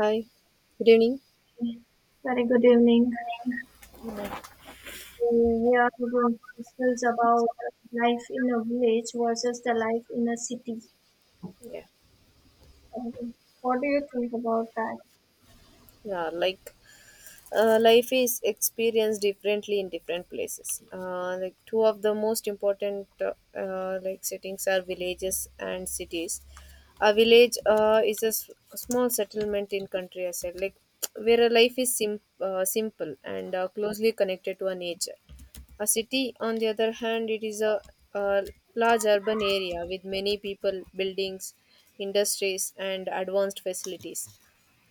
Hi, good evening. Very good evening. We are going to discuss about life in a village versus the life in a city. Yeah, Um, What do you think about that? yeah, life is experienced differently in different places. Like two of the most important like settings are villages and cities. A village is a small settlement in country, I said, like where a life is simple and closely connected to a nature. A city, on the other hand, it is a large urban area with many people, buildings, industries, and advanced facilities.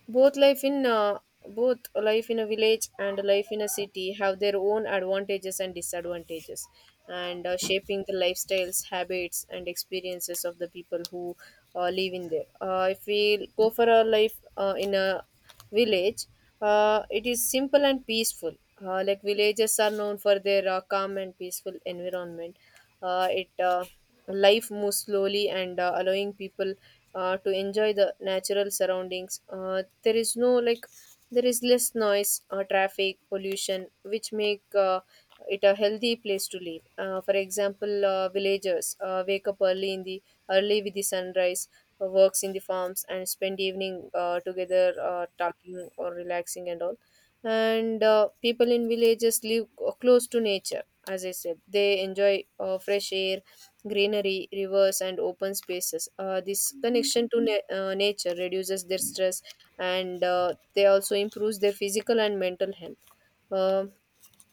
both life in uh, Both life in a village and life in a city have their own advantages and disadvantages, and shaping the lifestyles, habits, and experiences of the people who live in there. If we go for a life in a village, it is simple and peaceful. Like villages are known for their calm and peaceful environment. It Life moves slowly and allowing people to enjoy the natural surroundings. There is no like There is less noise, traffic, pollution, which make it a healthy place to live. For example, villagers wake up early with the sunrise, works in the farms, and spend evening together talking or relaxing and all. And people in villages live close to nature. As I said, they enjoy fresh air, greenery, rivers, and open spaces. This connection to nature reduces their stress, and they also improves their physical and mental health. Um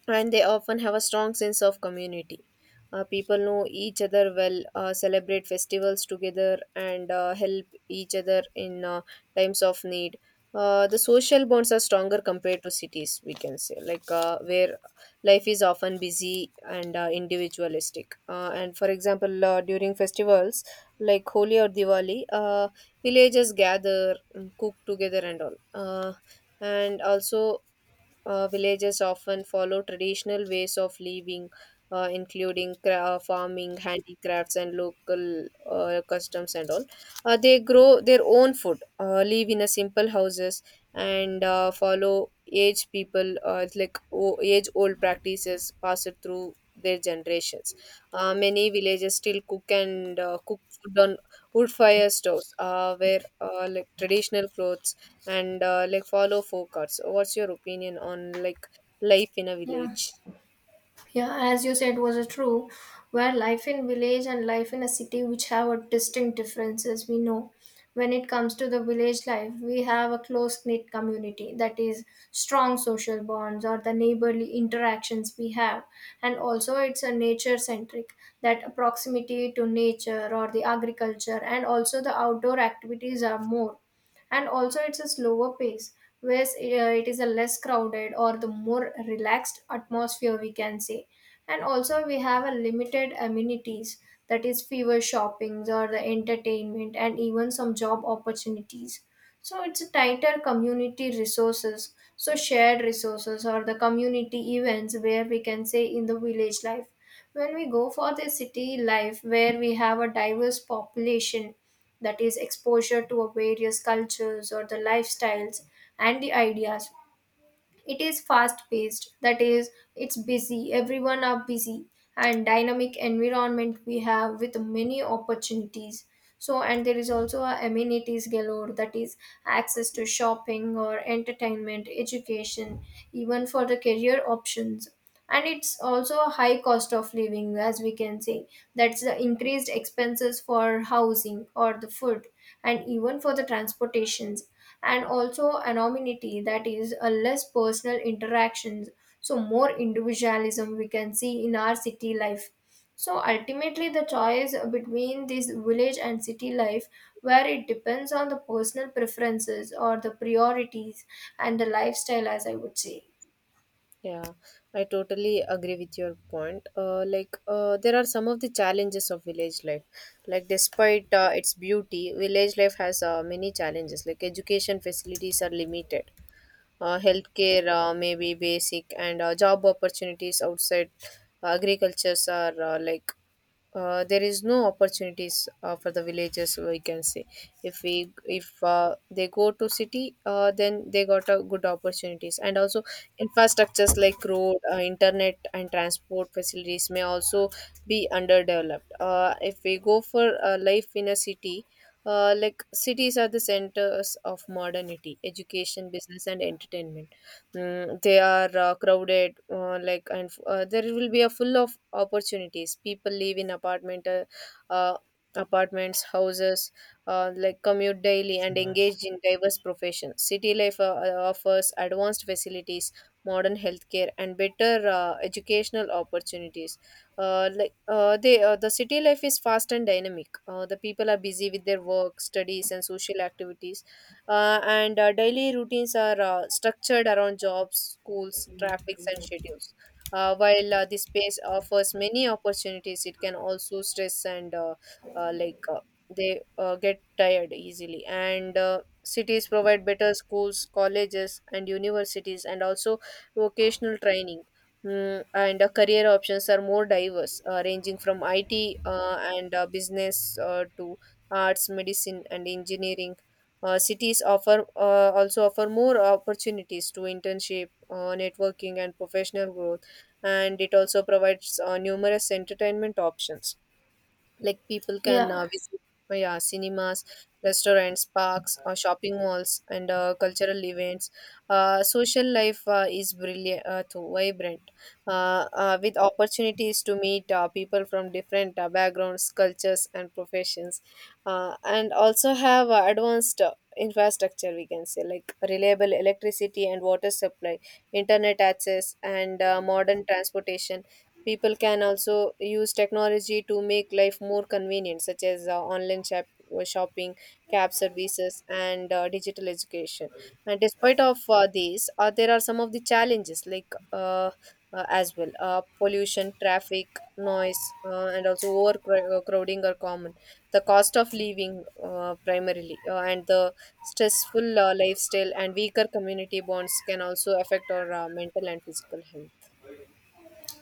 and they often have a strong sense of community. People know each other well, celebrate festivals together, and help each other in times of need. The social bonds are stronger compared to cities, we can say, where life is often busy and individualistic. And for example, during festivals like Holi or Diwali, villagers gather, cook together, and all. And also villages often follow traditional ways of living, including farming, handicrafts, and local customs and all. They grow their own food, live in a simple houses, and follow age people, it's like age old practices passed through their generations. Many villages still cook food on wood fire stoves where like traditional clothes and like follow folk arts. What's your opinion on like life in a Yeah, village? yeah, as you said, was a true, where life in village and life in a city which have a distinct differences. We know when it comes to the village life, we have a close knit community, that is strong social bonds or the neighborly interactions we have, and also it's a nature centric, that proximity to nature or the agriculture and also the outdoor activities are more, and also it's a slower pace, whereas it is a less crowded or the more relaxed atmosphere we can say, and also we have a limited amenities, that is fewer shoppings or the entertainment and even some job opportunities, so it's a tighter community resources, so shared resources or the community events, where we can say in the village life. When we go for the city life, where we have a diverse population, that is exposure to a various cultures or the lifestyles and the ideas, it is fast paced, that is it's busy, everyone are busy, and dynamic environment we have with many opportunities, so and there is also a amenities galore, that is access to shopping or entertainment education, even for the career options, and it's also a high cost of living as we can say, that's the increased expenses for housing or the food and even for the transportations, and also anonymity, that is a less personal interactions, so more individualism we can see in our city life. So ultimately, the choice between this village and city life, where it depends on the personal preferences or the priorities and the lifestyle, as I would say. Yeah, I totally agree with your point. There are some of the challenges of village life. Like despite its beauty, village life has many challenges. Like education facilities are limited, healthcare, maybe basic, and job opportunities outside agricultures are there is no opportunities for the villagers, we can say. If we if They go to city, then they got a good opportunities. And also infrastructures like road, internet, and transport facilities may also be underdeveloped. If we go for life in a city, like cities are the centers of modernity, education, business, and entertainment. They are crowded, like and there will be a full of opportunities. People live in uh, apartments, houses, like commute daily, and engaged in diverse professions. City life offers advanced facilities, modern healthcare, and better educational opportunities. The city life is fast and dynamic. The people are busy with their work, studies, and social activities. And Daily routines are structured around jobs, schools, traffics, and schedules. While this space offers many opportunities, it can also stress, and like they get tired easily. And cities provide better schools, colleges, and universities, and also vocational training. And career options are more diverse, ranging from IT and business to arts, medicine, and engineering. Cities offer also offer more opportunities to internship, networking, and professional growth, and it also provides numerous entertainment options. Like people can Yeah, visit yeah cinemas, restaurants, parks, or shopping malls, and cultural events. Social life is brilliant too vibrant, with opportunities to meet people from different backgrounds, cultures, and professions. And also have advanced infrastructure, we can say, like reliable electricity and water supply, internet access, and modern transportation. People can also use technology to make life more convenient, such as online shopping, cab services, and digital education. And despite of these, there are some of the challenges as well. Pollution, traffic, noise, and also overcrowding are common. The cost of living, primarily, and the stressful lifestyle and weaker community bonds can also affect our mental and physical health.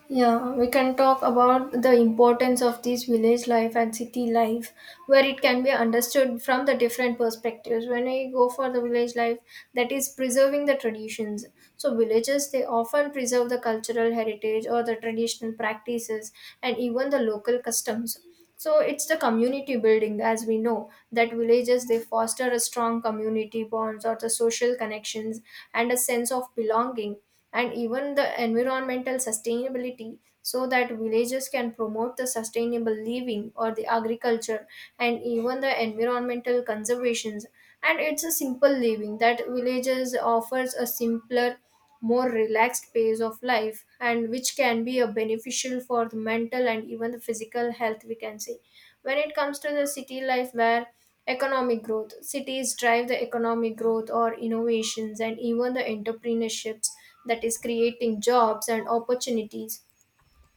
yeah, we can talk about the importance of this village life and city life, where it can be understood from the different perspectives. When we go for the village life, that is preserving the traditions. So, villages they often preserve the cultural heritage or the traditional practices and even the local customs, so it's the community building, as we know that villages they foster a strong community bonds or the social connections and a sense of belonging, and even the environmental sustainability, so that villages can promote the sustainable living or the agriculture and even the environmental conservations. And it's a simple living, that villages offers a simpler, more relaxed pace of life, and which can be a beneficial for the mental and even the physical health we can say. When it comes to the city life, where economic growth, cities drive the economic growth or innovations and even the entrepreneurships, that is creating jobs and opportunities.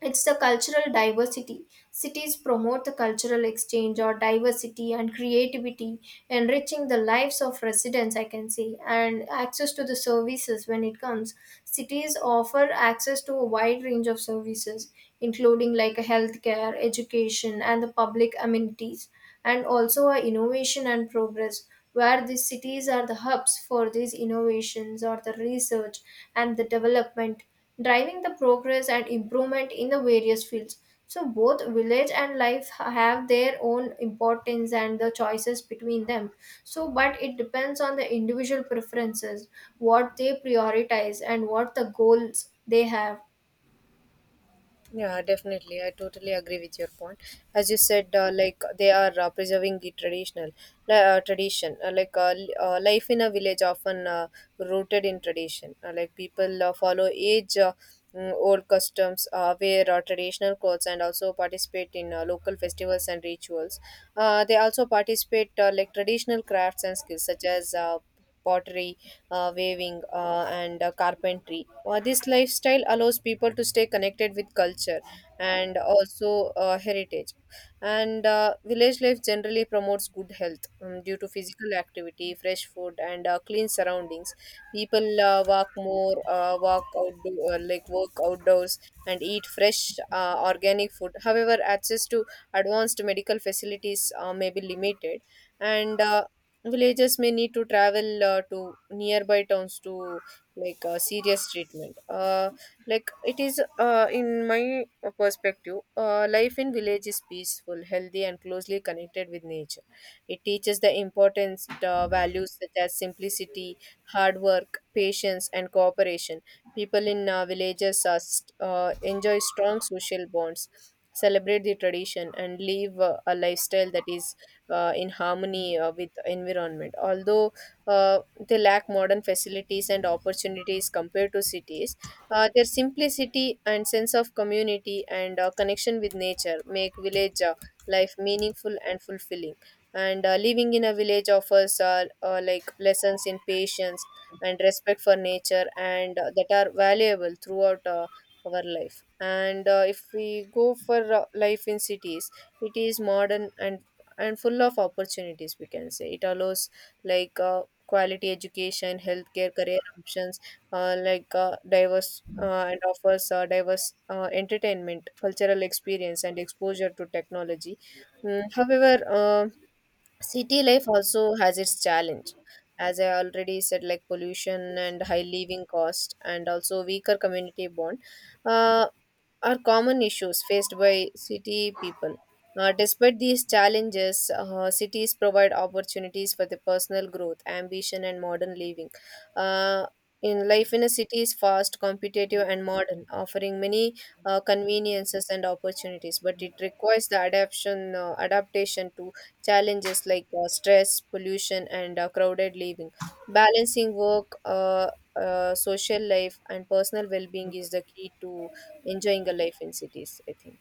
It's the cultural diversity. Cities promote the cultural exchange or diversity and creativity, enriching the lives of residents, I can say, and access to the services when it comes. Cities offer access to a wide range of services, including like healthcare, education, and the public amenities, and also a innovation and progress, where the cities are the hubs for these innovations or the research and the development, driving the progress and improvement in the various fields. So both village and life have their own importance and the choices between them, so but it depends on the individual preferences, what they prioritize and what the goals they have. Yeah, definitely. I totally agree with your point. As you said, like they are preserving the traditional, tradition. Li- Life in a village often rooted in tradition. Like people follow age. Old customs, wear traditional clothes, and also participate in local festivals and rituals. They also participate like traditional crafts and skills such as pottery, weaving, and carpentry. This lifestyle allows people to stay connected with culture and also heritage. And village life generally promotes good health, due to physical activity, fresh food, and clean surroundings. People walk outdoor, work outdoors, and eat fresh organic food. However, access to advanced medical facilities may be limited, and villagers may need to travel to nearby towns to serious treatment. Like it is In my perspective, life in village is peaceful, healthy, and closely connected with nature. It teaches the importance values such as simplicity, hard work, patience, and cooperation. People in villages enjoy strong social bonds, celebrate the tradition, and live a lifestyle that is in harmony with environment. Although uh, they lack modern facilities and opportunities compared to cities, their simplicity and sense of community and connection with nature make village life meaningful and fulfilling. And living in a village offers like lessons in patience and respect for nature, and that are valuable throughout our life. And if we go for life in cities, it is modern and full of opportunities, we can say. It allows quality education, healthcare, career options, like diverse and offers diverse entertainment, cultural experience, and exposure to technology. However, city life also has its challenge. As I already said, like pollution and high living cost and also weaker community bond uh, are common issues faced by city people. Despite these challenges, cities provide opportunities for the personal growth, ambition, and modern living. Uh, in life in a city is fast, competitive, and modern, offering many conveniences and opportunities. But it requires the adaptation to challenges like stress, pollution, and crowded living. Balancing work, social life, and personal well-being is the key to enjoying a life in cities, I think.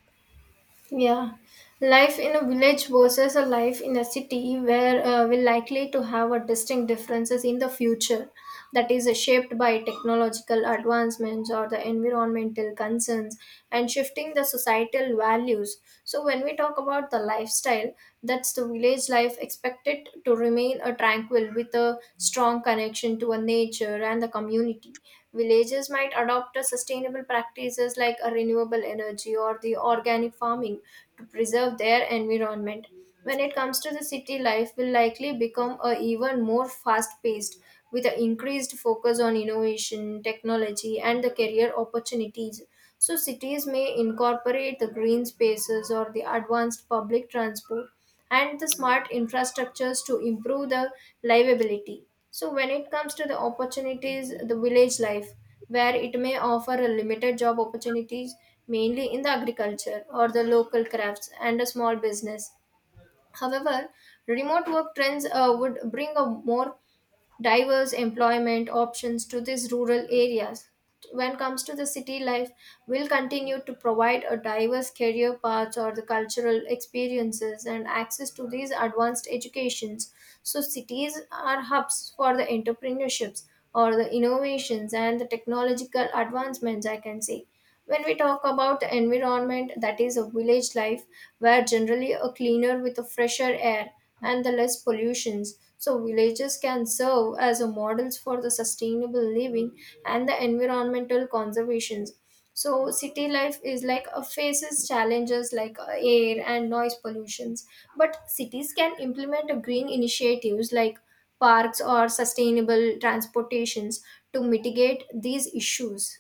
Yeah, life in a village versus a life in a city, where we're likely to have a distinct differences in the future, that is shaped by technological advancements or the environmental concerns and shifting the societal values. So when we talk about the lifestyle, that's the village life expected to remain a tranquil with a strong connection to a nature and the community. Villages might adopt a sustainable practices like a renewable energy or the organic farming to preserve their environment. When it comes to the city life, will likely become a even more fast paced with an increased focus on innovation, technology and the career opportunities. So cities may incorporate the green spaces or the advanced public transport and the smart infrastructures to improve the livability. So, when it comes to the opportunities, the village life, where it may offer a limited job opportunities, mainly in the agriculture or the local crafts and a small business. However, remote work trends would bring a more diverse employment options to these rural areas. When it comes to the city life, will continue to provide a diverse career paths or the cultural experiences and access to these advanced educations. So cities are hubs for the entrepreneurships or the innovations and the technological advancements, I can say. When we talk about the environment, that is a village life, where generally a cleaner with a fresher air and the less pollutions. So villages can serve as a models for the sustainable living and the environmental conservations. So city life is like a faces challenges like air and noise pollutions, but cities can implement a green initiatives like parks or sustainable transportations to mitigate these issues.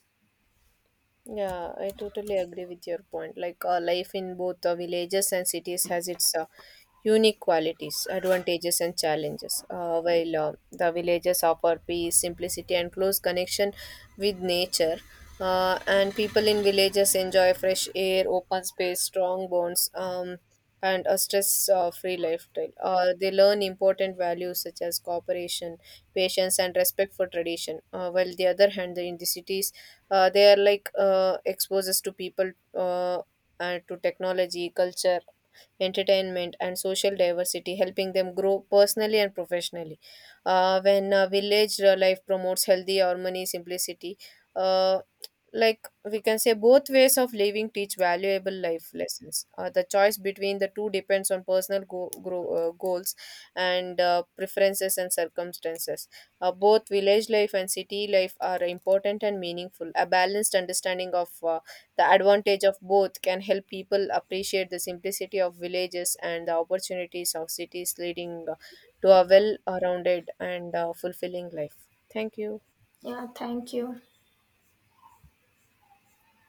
Yeah, I totally agree with your point. Life in both the villages and cities has its unique qualities, advantages, and challenges. While the villages offer peace, simplicity, and close connection with nature, and people in villages enjoy fresh air, open space, strong bonds, and a stress-free lifestyle. They learn important values such as cooperation, patience, and respect for tradition. While the other hand, in the cities, they are like exposes to people and to technology, culture, entertainment, and social diversity, helping them grow personally and professionally. When Village life promotes healthy harmony, simplicity. uh, we can say both ways of living teach valuable life lessons. The choice between the two depends on personal goals and preferences and circumstances. Both village life and city life are important and meaningful. A balanced understanding of the advantage of both can help people appreciate the simplicity of villages and the opportunities of cities, leading to a well-rounded and fulfilling life. Thank you. Yeah, thank you.